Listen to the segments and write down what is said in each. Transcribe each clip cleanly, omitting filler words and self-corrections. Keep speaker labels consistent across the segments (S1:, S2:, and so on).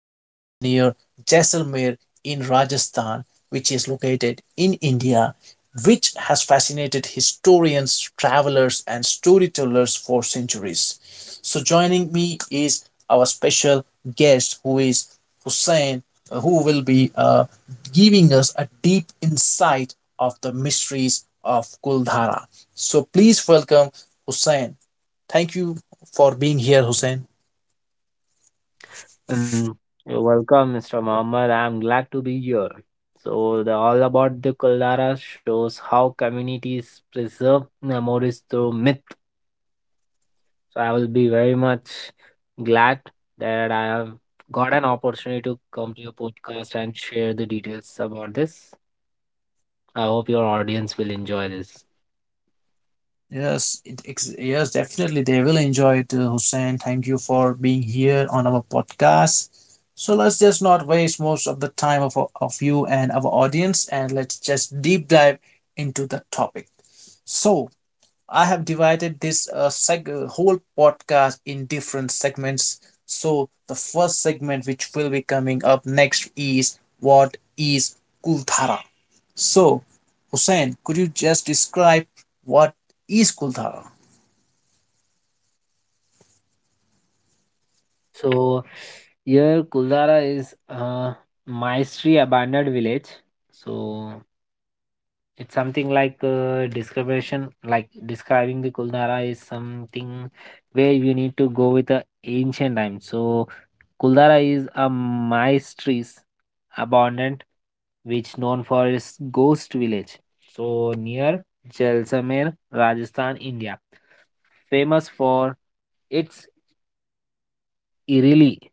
S1: village near Jaisalmer in Rajasthan, which is located in India, which has fascinated historians, travelers, and storytellers for centuries. So, joining me is our special guest, who is Hussein, who will be giving us a deep insight of the mysteries of Kuldhara. So, please welcome Hussein. Thank you for being here, Hussein.
S2: Mm, You're welcome, Mr. Mohammed. I'm glad to be here. So, the All About the Kuldara shows how communities preserve memories through myth. So, I will be very much glad that I have got an opportunity to come to your podcast and share the details about this. I hope your audience will enjoy this.
S1: Yes, definitely they will enjoy it, Hussein. Thank you for being here on our podcast. So let's just not waste most of the time of you and our audience, and let's just deep dive into the topic. So I have divided this whole podcast in different segments. So the first segment which will be coming up next is what is Kuldhara. So, Hussein, could you just describe what is Kulthara?
S2: So, here Kuldara is a Maestri abandoned village. So, it's something like description, like describing the Kuldara is something where you need to go with the ancient time. So Kuldara is a maestris abundant which known for its ghost village. So near Jaisalmer, Rajasthan, India, famous for its eerily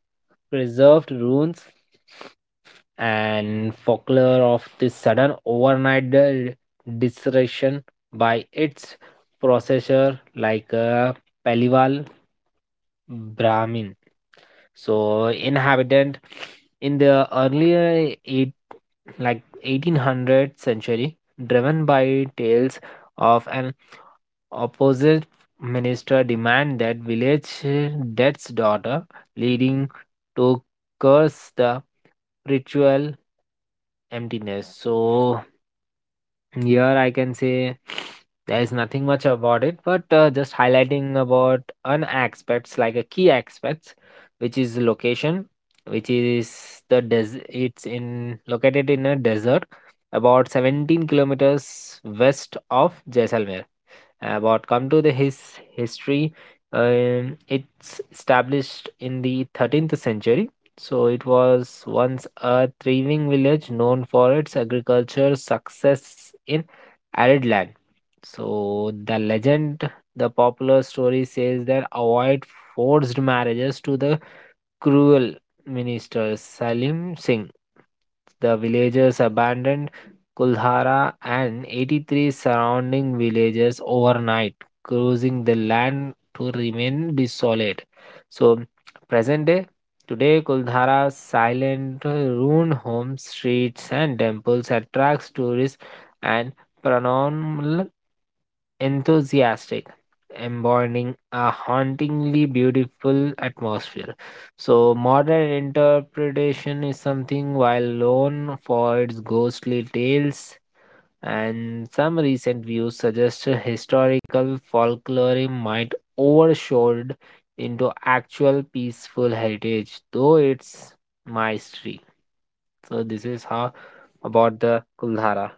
S2: preserved ruins and folklore of this sudden overnight disruption by its processor like a Paliwal Brahmin. So inhabitant in the earlier eight like 1800 century, driven by tales of an opposite minister demand that village death's daughter, leading to curse the ritual emptiness. So here I can say there is nothing much about it, but just highlighting about an aspects like a key aspects, which is location, which is the it's in located in a desert about 17 kilometers west of Jaisalmer. But come to the history, it's established in the 13th century, so it was once a thriving village known for its agricultural success in arid land. So the legend, the popular story says that avoid forced marriages to the cruel minister Salim Singh. The villagers abandoned Kuldhara and 83 surrounding villages overnight, causing the land to remain desolate. So, present day, today Kuldhara's silent ruined homes, streets, and temples attracts tourists and paranormal enthusiastic, embodying a hauntingly beautiful atmosphere. So, modern interpretation is something while known for its ghostly tales, and some recent views suggest a historical folklore might overshadowed into actual peaceful heritage, though it's mystery. So, this is how about the Kuldhara.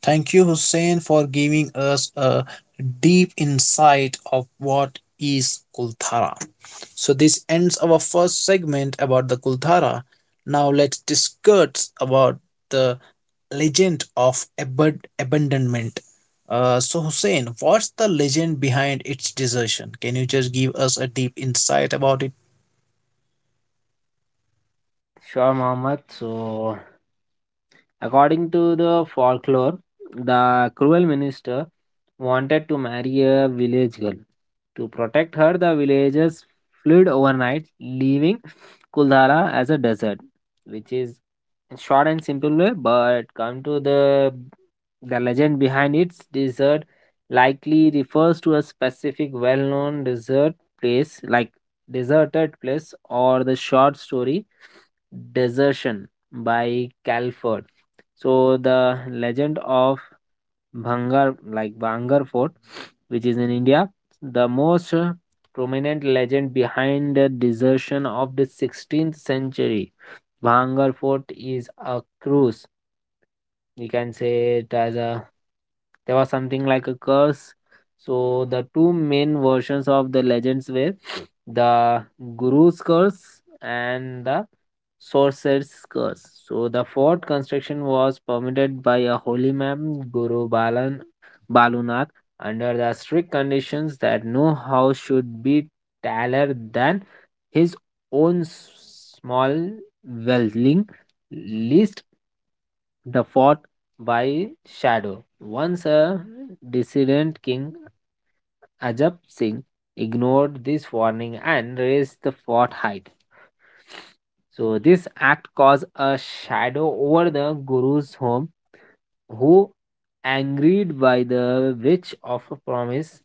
S1: Thank you, Hussein, for giving us a deep insight of what is Kulthara. So this ends our first segment about the Kulthara. Now let's discuss about the legend of abandonment. So Hussein, what's the legend behind its desertion? Can you just give us a deep insight about it?
S2: Sure, Mohammed. So according to the folklore, the cruel minister wanted to marry a village girl. To protect her, the villagers fled overnight, leaving Kuldhara as a desert, which is in short and simple way. But come to the legend behind its desert, likely refers to a specific well-known desert place, like deserted place, or the short story desertion by Calford. So the legend of Bhangar, like Bhangar Fort, which is in India, the most prominent legend behind the desertion of the 16th century. Bhangar Fort is a cruise. We can say it as a there was something like a curse. So the two main versions of the legends were the Guru's curse and the sorcerer's curse. So the fort construction was permitted by a holy man, Guru Balan Balunath, under the strict conditions that no house should be taller than his own small dwelling leased the fort by shadow. Once a dissident king, Ajab Singh, ignored this warning and raised the fort height. So, this act caused a shadow over the Guru's home who, angered by the breach of a promise,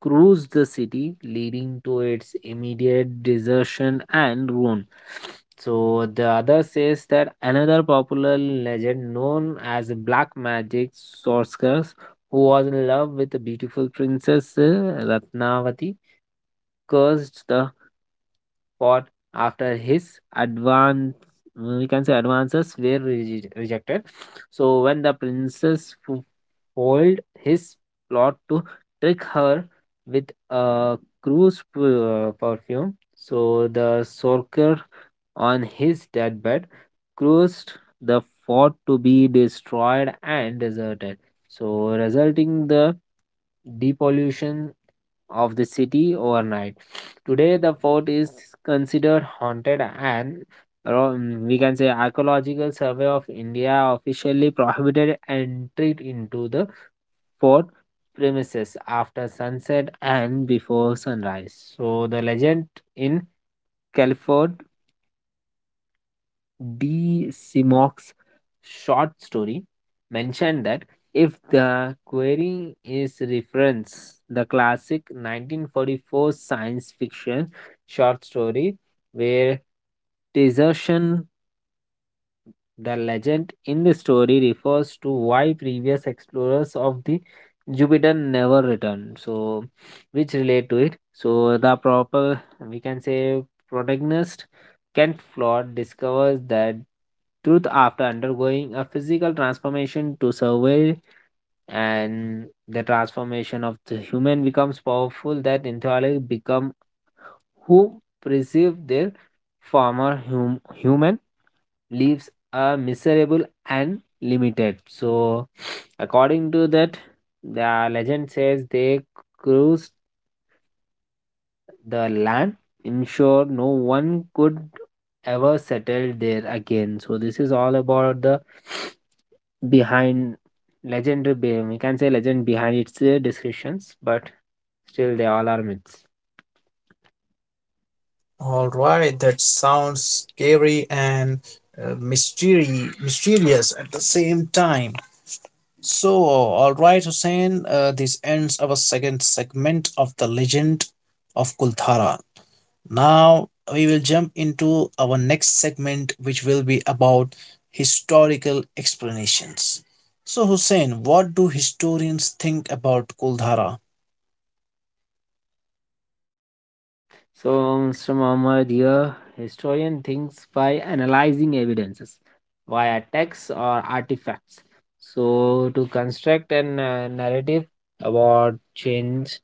S2: cruised the city, leading to its immediate desertion and ruin. So the other says that another popular legend known as black magic sorceress who was in love with a beautiful princess Ratnavati cursed the pot after his advance, we can say advances were rejected. So when the princess foiled his plot to trick her with a cruise perfume, so the sorcerer on his deathbed caused the fort to be destroyed and deserted, so resulting the depollution of the city overnight. Today, the fort is considered haunted and we can say Archaeological Survey of India officially prohibited entry into the fort premises after sunset and before sunrise. So the legend in Califord D. Simoc's short story mentioned that if the query is reference the classic 1944 science fiction short story where desertion, the legend in the story refers to why previous explorers of the Jupiter never returned. So, which relate to it. So, the proper, we can say protagonist Kent Flawed discovers that truth after undergoing a physical transformation to survive, and the transformation of the human becomes powerful that entirely become who perceive their former human lives are miserable and limited. So, according to that, the legend says they cruised the land, ensure no one could ever settle there again. So, this is all about the behind legendary, we can say legend behind its descriptions, but still they all are myths.
S1: All right, that sounds scary and mysterious at the same time. So, all right, Hussein, this ends our second segment of the legend of Kulthara. Now we will jump into our next segment, which will be about historical explanations. So, Hussein, what do historians think about Kuldhara?
S2: So, Mr. Muhammad here, historian thinks by analyzing evidences via texts or artifacts. So, to construct a narrative about change,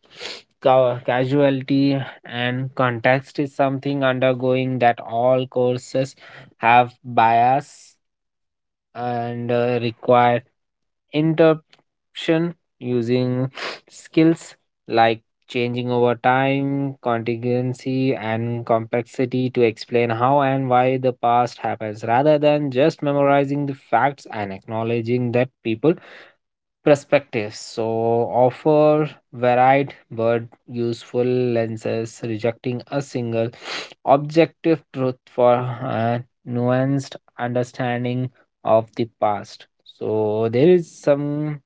S2: casualty, and context is something undergoing that all courses have bias and require interruption using skills like changing over time, contingency, and complexity to explain how and why the past happens rather than just memorizing the facts and acknowledging that people perspectives, so offer varied but useful lenses rejecting a single objective truth for a nuanced understanding of the past. So there is some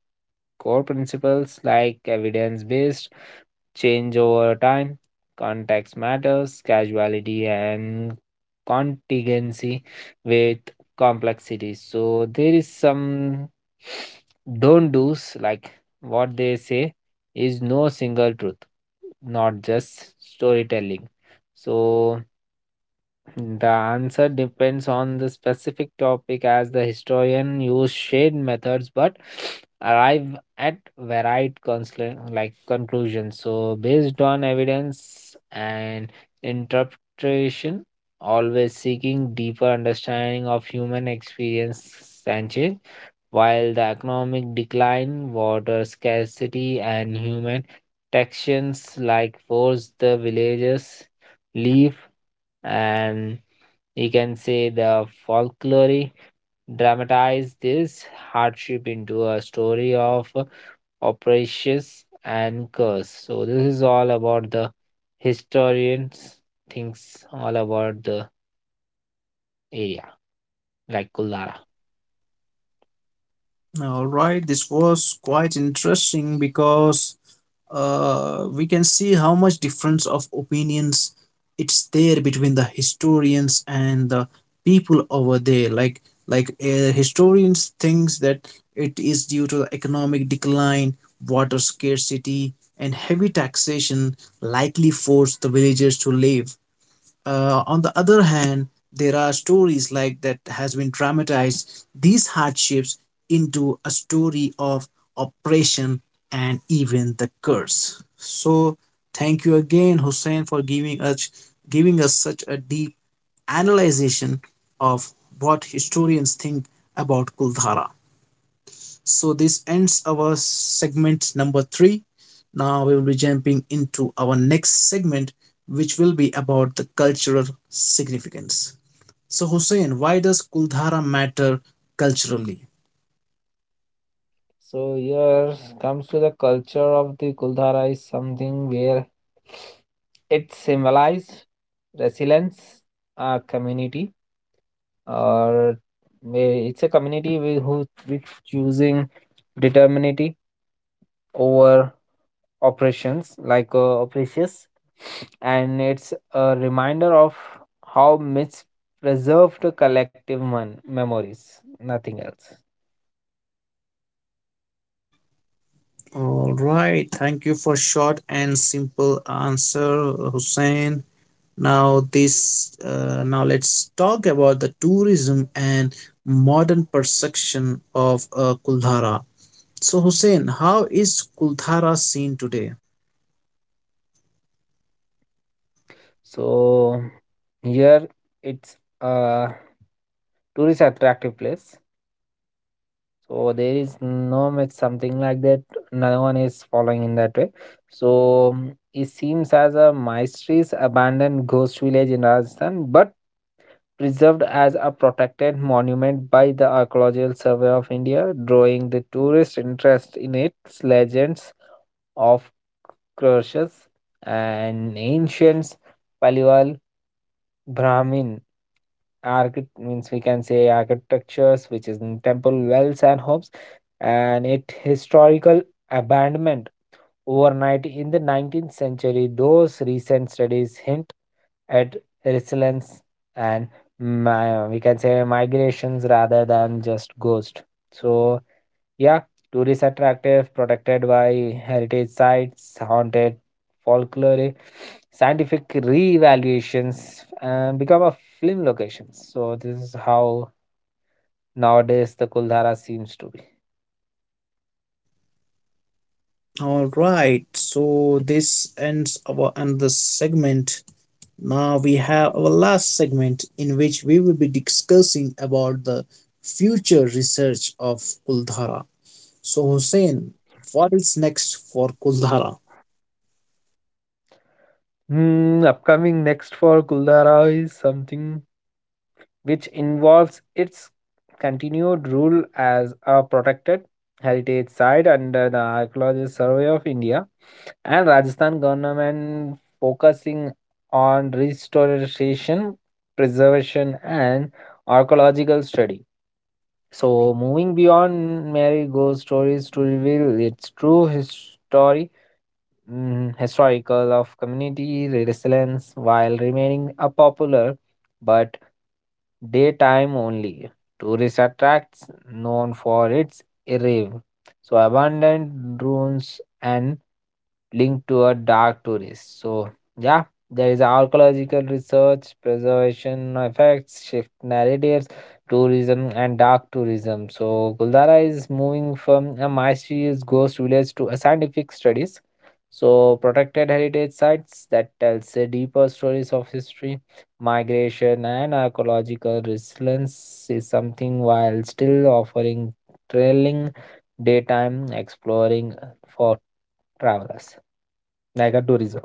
S2: core principles like evidence based change over time. Context matters, casuality and contingency with complexity. So there is some don't do's like what they say is no single truth, not just storytelling. So the answer depends on the specific topic as the historian use shade methods but arrive at varied like conclusions. So based on evidence and interpretation, always seeking deeper understanding of human experience and change, while the economic decline, water scarcity and human tensions like force the villagers leave, and you can say the folklore dramatized this hardship into a story of operations and curse. So this is all about the historians thinks all about the area like Kuldhara.
S1: All right, this was quite interesting because we can see how much difference of opinions it's there between the historians and the people over there like historians thinks that it is due to the economic decline, water scarcity, and heavy taxation likely forced the villagers to leave. On the other hand, there are stories like that has been dramatized these hardships into a story of oppression and even the curse. So thank you again, Hussein, for giving us such a deep analyzation of what historians think about Kuldhara. So this ends our segment number three. Now we will be jumping into our next segment, which will be about the cultural significance. So Hussein, why does Kuldhara matter culturally?
S2: So here comes to the culture of the Kuldhara is something where it symbolized resilience, a community or it's a community with who with choosing determinity over operations like operations, and it's a reminder of how myths preserve the collective memories, nothing else.
S1: All right, thank you for short and simple answer, Hussein. Now let's talk about the tourism and modern perception of Kuldhara. So Hussein, how is Kuldhara seen today?
S2: So here it's a tourist attractive place. So there is no much something like that. No one is following in that way. So it seems as a mysterious abandoned ghost village in Rajasthan, but preserved as a protected monument by the Archaeological Survey of India, drawing the tourist interest in its legends of crushes and ancient Brahmin architect, means we can say architectures, which is in temple wells and homes, and it historical abandonment overnight in the 19th century. Those recent studies hint at resilience and we can say migrations rather than just ghost. So yeah, tourist attractive, protected by heritage sites, haunted folklore, scientific re-evaluations, and become a film location. So this is how nowadays the Kuldhara seems to be.
S1: All right, so this ends our another segment. Now we have our last segment in which we will be discussing about the future research of Kuldhara. So Hussein, what is next for Kuldhara?
S2: Hmm, upcoming next for Kuldhara is something which involves its continued rule as a protected heritage site under the Archaeological Survey of India and Rajasthan government focusing on restoration, preservation, and archaeological study. So, moving beyond Mary Go stories to reveal its true history, historical of community resilience, while remaining a popular but daytime only tourist attracts known for its irrev, so abandoned ruins and linked to a dark tourist. So, yeah, there is archaeological research, preservation effects, shift narratives, tourism, and dark tourism. So, Guldara is moving from a mysterious ghost village to a scientific studies. So, protected heritage sites that tells the deeper stories of history, migration, and archaeological resilience is something while still offering thrilling daytime exploring for travelers. Like a tourism.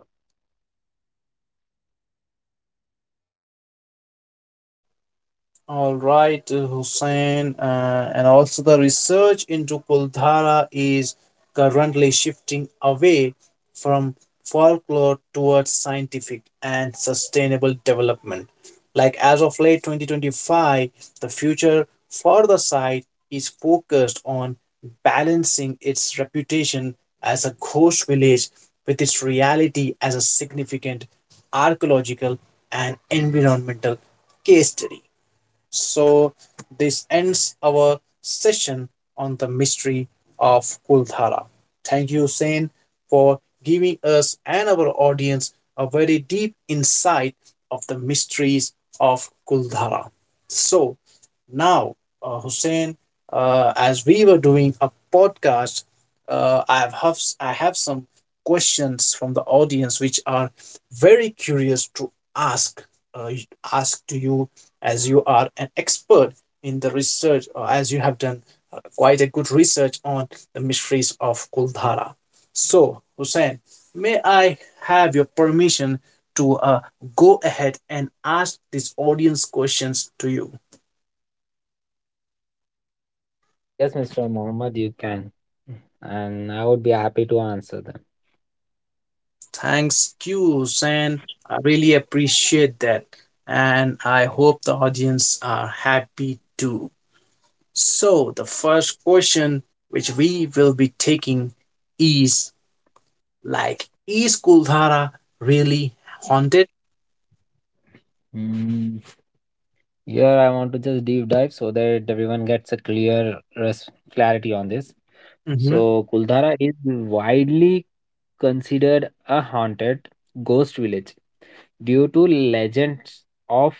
S1: All right, Hussein, and also the research into Kuldhara is currently shifting away from folklore towards scientific and sustainable development. Like as of late 2025, the future for the site is focused on balancing its reputation as a ghost village with its reality as a significant archaeological and environmental case study. So, this ends our session on the mystery of Kuldhara. Thank you, Sen, for giving us and our audience a very deep insight of the mysteries of Kuldhara. So, now, Hussein, as we were doing a podcast, I have some questions from the audience which are very curious to ask uh, ask to you as you are an expert in the research, or as you have done quite a good research on the mysteries of Kuldhara. So, Hussein, may I have your permission to go ahead and ask this audience questions to you?
S2: Yes, Mr. Mohammed, you can. And I would be happy to answer them.
S1: Thanks, Q, Hussein. I really appreciate that. And I hope the audience are happy too. So, the first question which we will be taking is, like, is Kuldhara really haunted?
S2: Mm, here, I want to just deep dive so that everyone gets a clear clarity on this.
S1: Mhm.
S2: So, Kuldhara is widely considered a haunted ghost village due to legends of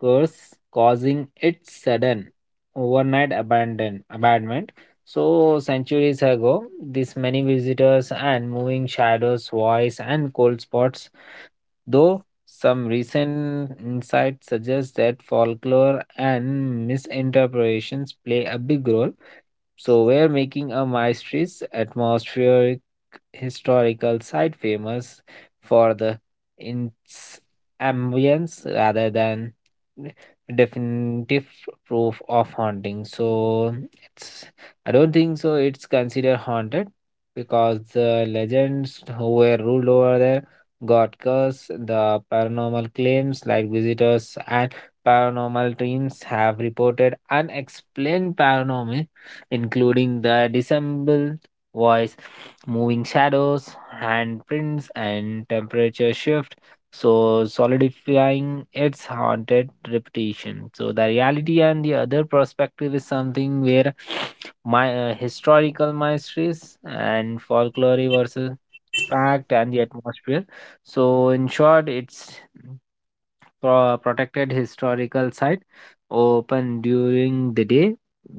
S2: curse causing its sudden overnight abandonment. So centuries ago, this many visitors and moving shadows, voice and cold spots, though some recent insights suggest that folklore and misinterpretations play a big role, so we're making a maestris atmospheric historical site famous for the its ambience rather than definitive proof of haunting. So it's, I don't think so it's considered haunted because the legends who were ruled over there got cursed. The paranormal claims like visitors and paranormal teams have reported unexplained paranormal including the dissembled voice, moving shadows, handprints, and temperature shift. So, solidifying its haunted reputation. So, the reality and the other perspective is something where my historical mysteries and folklore versus fact and the atmosphere. So, in short, it's protected historical site open during the day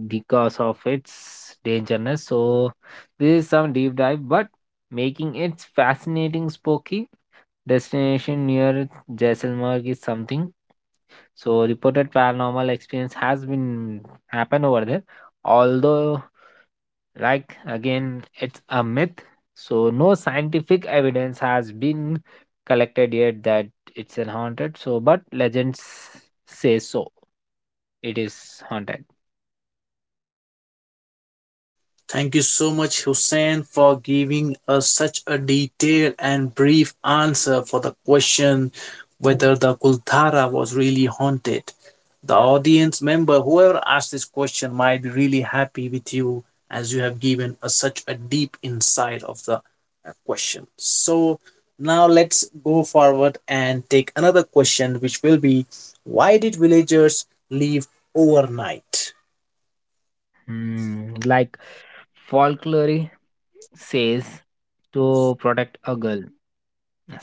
S2: because of its dangerousness. So this is some deep dive, but making it fascinating spooky destination near Jaisalmer is something. So reported paranormal experience has been happened over there, although like again, it's a myth. So no scientific evidence has been collected yet that it's an haunted. So, but legends say so. It is haunted.
S1: Thank you so much, Hussein, for giving us such a detailed and brief answer for the question whether the Kulthara was really haunted. The audience member, whoever asked this question, might be really happy with you as you have given us such a deep insight of the question. So, now let's go forward and take another question, which will be, why did villagers leave overnight?
S2: Hmm, like folklore says to protect a girl.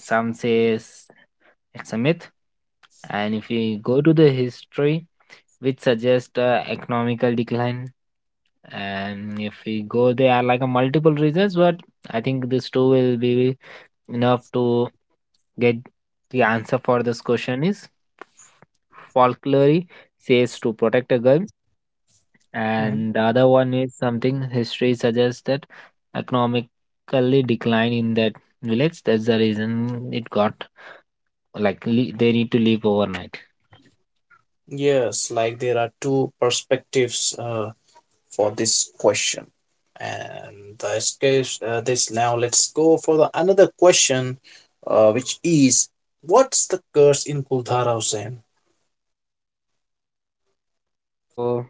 S2: Some says it's a myth. And if we go to the history, which suggests economical decline, and if we go there are like a multiple reasons, but I think these two will be enough to get the answer for this question is folklore says to protect a girl, and the other one is something history suggests that economically decline in that village, that's the reason it got like they need to leave overnight.
S1: Yes, like there are two perspectives for this question. And this case, this Now let's go for the another question, which is, what's the curse in Kuldhara, Hussain?
S2: So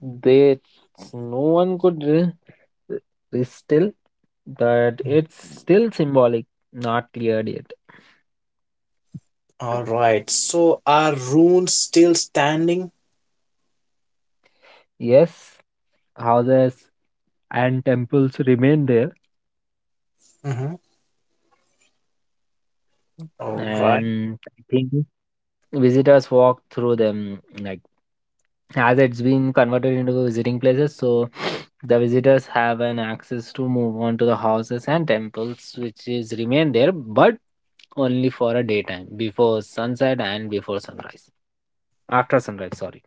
S2: they, no one could still, but it's still symbolic, not cleared yet.
S1: All right, so are runes still standing?
S2: Yes, houses and temples remain there,
S1: Mhm. All right,
S2: and I think visitors walk through them like as it's been converted into visiting places, so the visitors have an access to move on to the houses and temples which is remain there, but only for a daytime before sunset and before sunrise. After sunrise, sorry.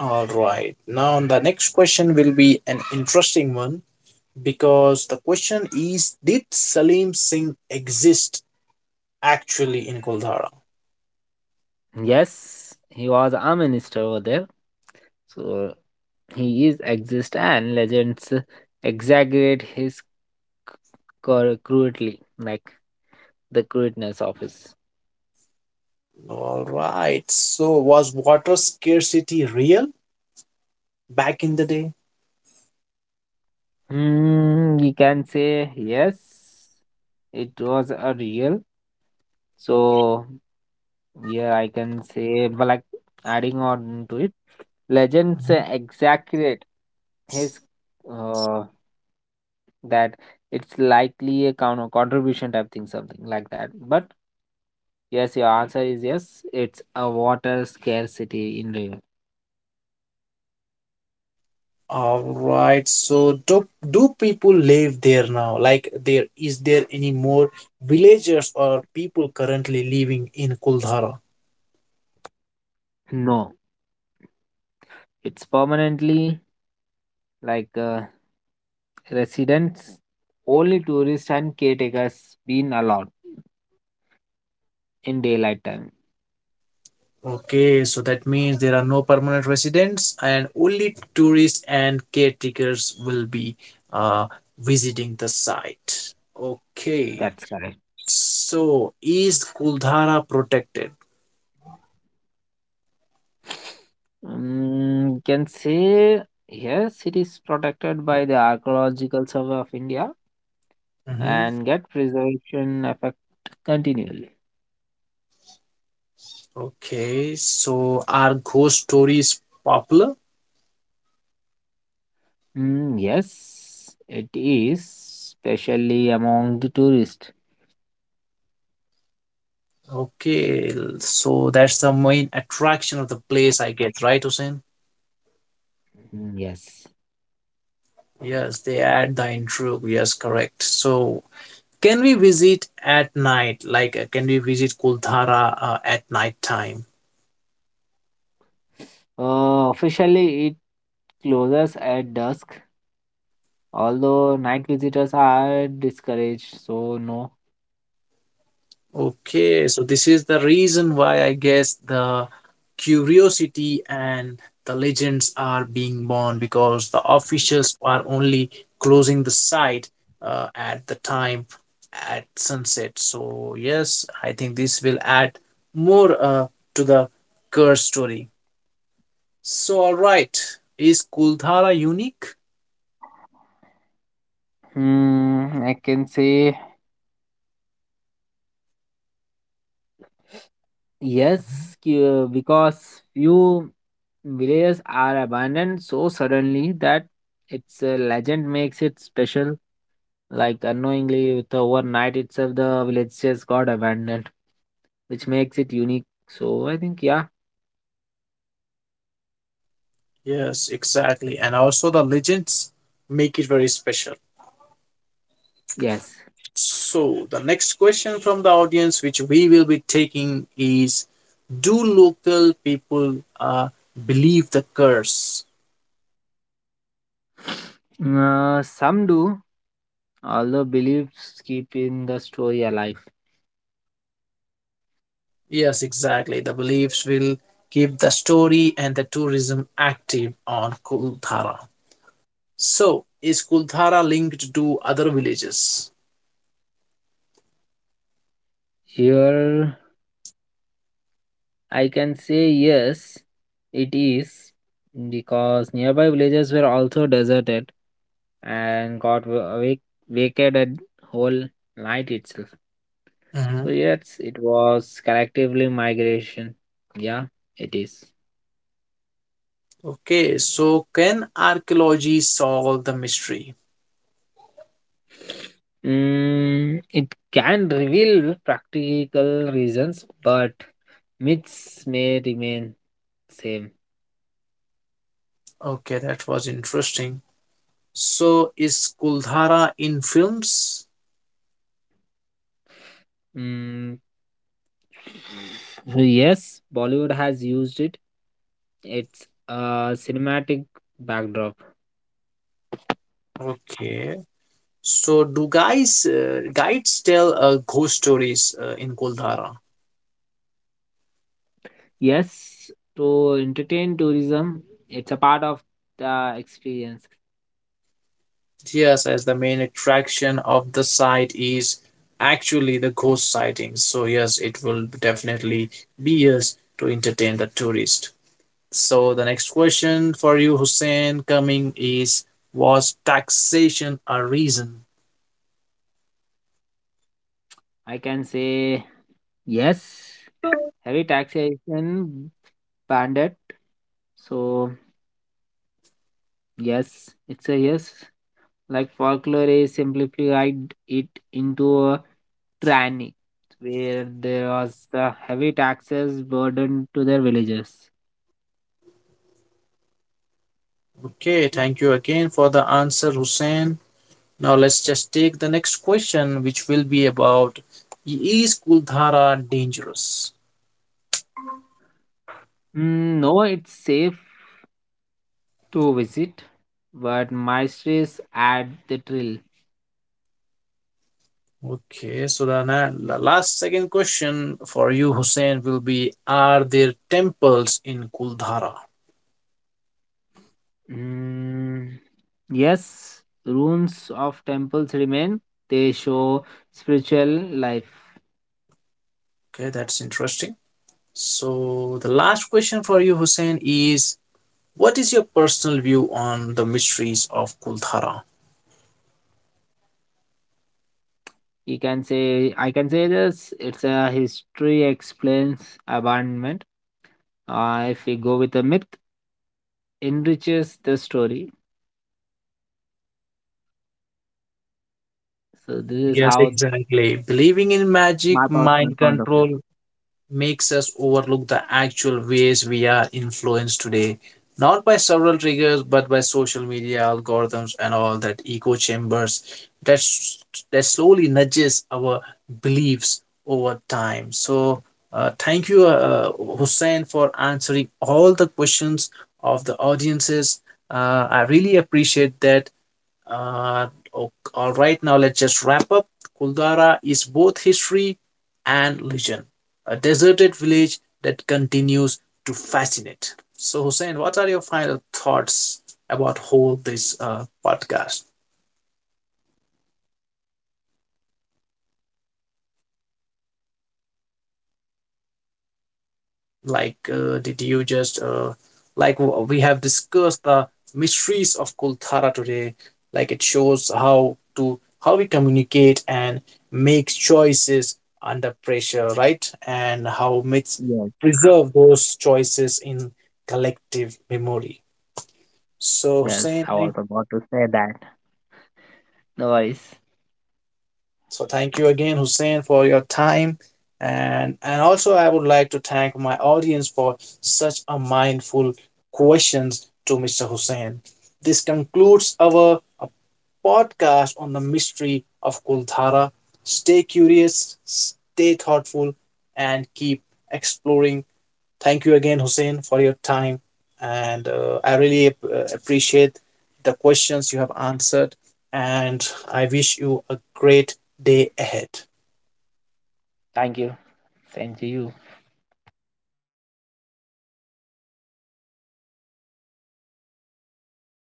S1: all right. Now, the next question will be an interesting one because the question is, did Salim Singh exist actually in Kuldhara?
S2: Yes, he was a minister over there. So he is exist and legends exaggerate his crudely, like the crudeness of his.
S1: All right. So, was water scarcity real back in the day?
S2: Hmm, you can say yes, it was a real. So yeah, I can say, but like adding on to it, legends exaggerate his uh, that it's likely a contribution type thing, something like that. But yes, your answer is yes. It's a water scarcity in Rio.
S1: All right. So, do people live there now? Like, there is there any more villagers or people currently living in Kuldhara?
S2: No, it's permanently like residents, only tourists and caretakers been allowed in daylight time.
S1: Okay, so that means there are no permanent residents and only tourists and caretakers will be uh, visiting the site. Okay,
S2: That's correct.
S1: so is Kuldhara protected?
S2: Can say yes, it is protected by the Archaeological Survey of India
S1: Mhm.
S2: and get preservation effect continually.
S1: Okay, so are ghost stories popular?
S2: Mm, yes, it is, especially among the tourists.
S1: Okay, so that's the main attraction of the place, I guess, right, Hussein?
S2: Mm, yes.
S1: Yes, they add the intrigue. Yes, correct. So, can we visit at night? Like, can we visit Kuldhara at night time?
S2: Officially, it closes at dusk, although night visitors are discouraged, so no.
S1: Okay, so this is the reason why I guess the curiosity and the legends are being born because the officials are only closing the site at the time at sunset. So, yes, I think this will add more to the curse story. So, all right, is Kuldhara unique?
S2: Hmm, I can say
S1: Mhm.
S2: yes, because few villages are abandoned so suddenly that its a legend makes it special. Like unknowingly, with overnight itself, the village just got abandoned, which makes it unique. So I think, yeah,
S1: Yes, exactly. And also, the legends make it very special.
S2: yes.
S1: So, the next question from the audience, which we will be taking, is, do local people believe the curse?
S2: Some do, although beliefs keep in the story alive.
S1: Yes, exactly. The beliefs will keep the story and the tourism active on Kuldhara. So, is Kuldhara linked to other villages?
S2: Here I can say yes, it is because nearby villages were also deserted and got vacated whole night itself. So
S1: Mhm.
S2: yes, it was collectively migration. Yeah, it is.
S1: Okay, so can archaeology solve the mystery?
S2: Mm, it can reveal practical reasons, but myths may remain same.
S1: Okay, that was interesting. So, is Kuldhara in films?
S2: Mm, so yes, Bollywood has used it. It's a cinematic backdrop.
S1: Okay, so do guys guides tell ghost stories in Goldhara?
S2: Yes, to entertain tourism, it's a part of the experience.
S1: Yes, as the main attraction of the site is actually the ghost sightings. So yes, it will definitely be yes to entertain the tourist. So the next question for you, Hussein, coming is, was taxation a reason?
S2: I can say yes. Heavy taxation banned it. So yes, it's a yes. Like folklore is simplified it into a tranny, where there was the heavy taxes burden to their villagers.
S1: Okay, thank you again for the answer, Hussein. Now let's just take the next question, which will be about, is Kuldhara dangerous?
S2: Mm, no, it's safe to visit, but my stress add the thrill.
S1: Okay, so the last second question for you, Hussein, will be, are there temples in Kuldhara?
S2: Mm, yes, ruins of temples remain. They show spiritual life.
S1: Okay, that's interesting. So the last question for you, Hussein, is, what is your personal view on the mysteries of Kuldhara?
S2: You can say, I can say this. It's a history explains abandonment. If we go with a myth, enriches the story. So this is
S1: Yes,
S2: how
S1: exactly. Believing in
S2: my
S1: magic,
S2: personal
S1: mind
S2: point of view.
S1: control, makes us overlook the actual ways we are influenced today, not by several triggers, but by social media algorithms and all that echo chambers that slowly nudges our beliefs over time. So, thank you, Hussein, for answering all the questions of the audiences. I really appreciate that. Uh, all right, now let's just wrap up. Kuldara is both history and legend, a deserted village that continues to fascinate. So, Hussein, what are your final thoughts about whole this podcast? Like, did you just like w- we have discussed the mysteries of Kulthara today? Like, it shows how to how we communicate and make choices under pressure, right? And how myths
S2: Yes,
S1: preserve those choices in collective memory. So,
S2: yes.
S1: Hussein,
S2: I was
S1: I—
S2: about to say that. No worries.
S1: so thank you again, Hussein, for your time. And also I would like to thank my audience for such a mindful questions to Mr. Hussein. This concludes our podcast on the mystery of Kulthara. Stay curious, stay thoughtful, and keep exploring. Thank you again, Hussein, for your time. And appreciate the questions you have answered. And I wish you a great day ahead.
S2: Thank you. Same to you.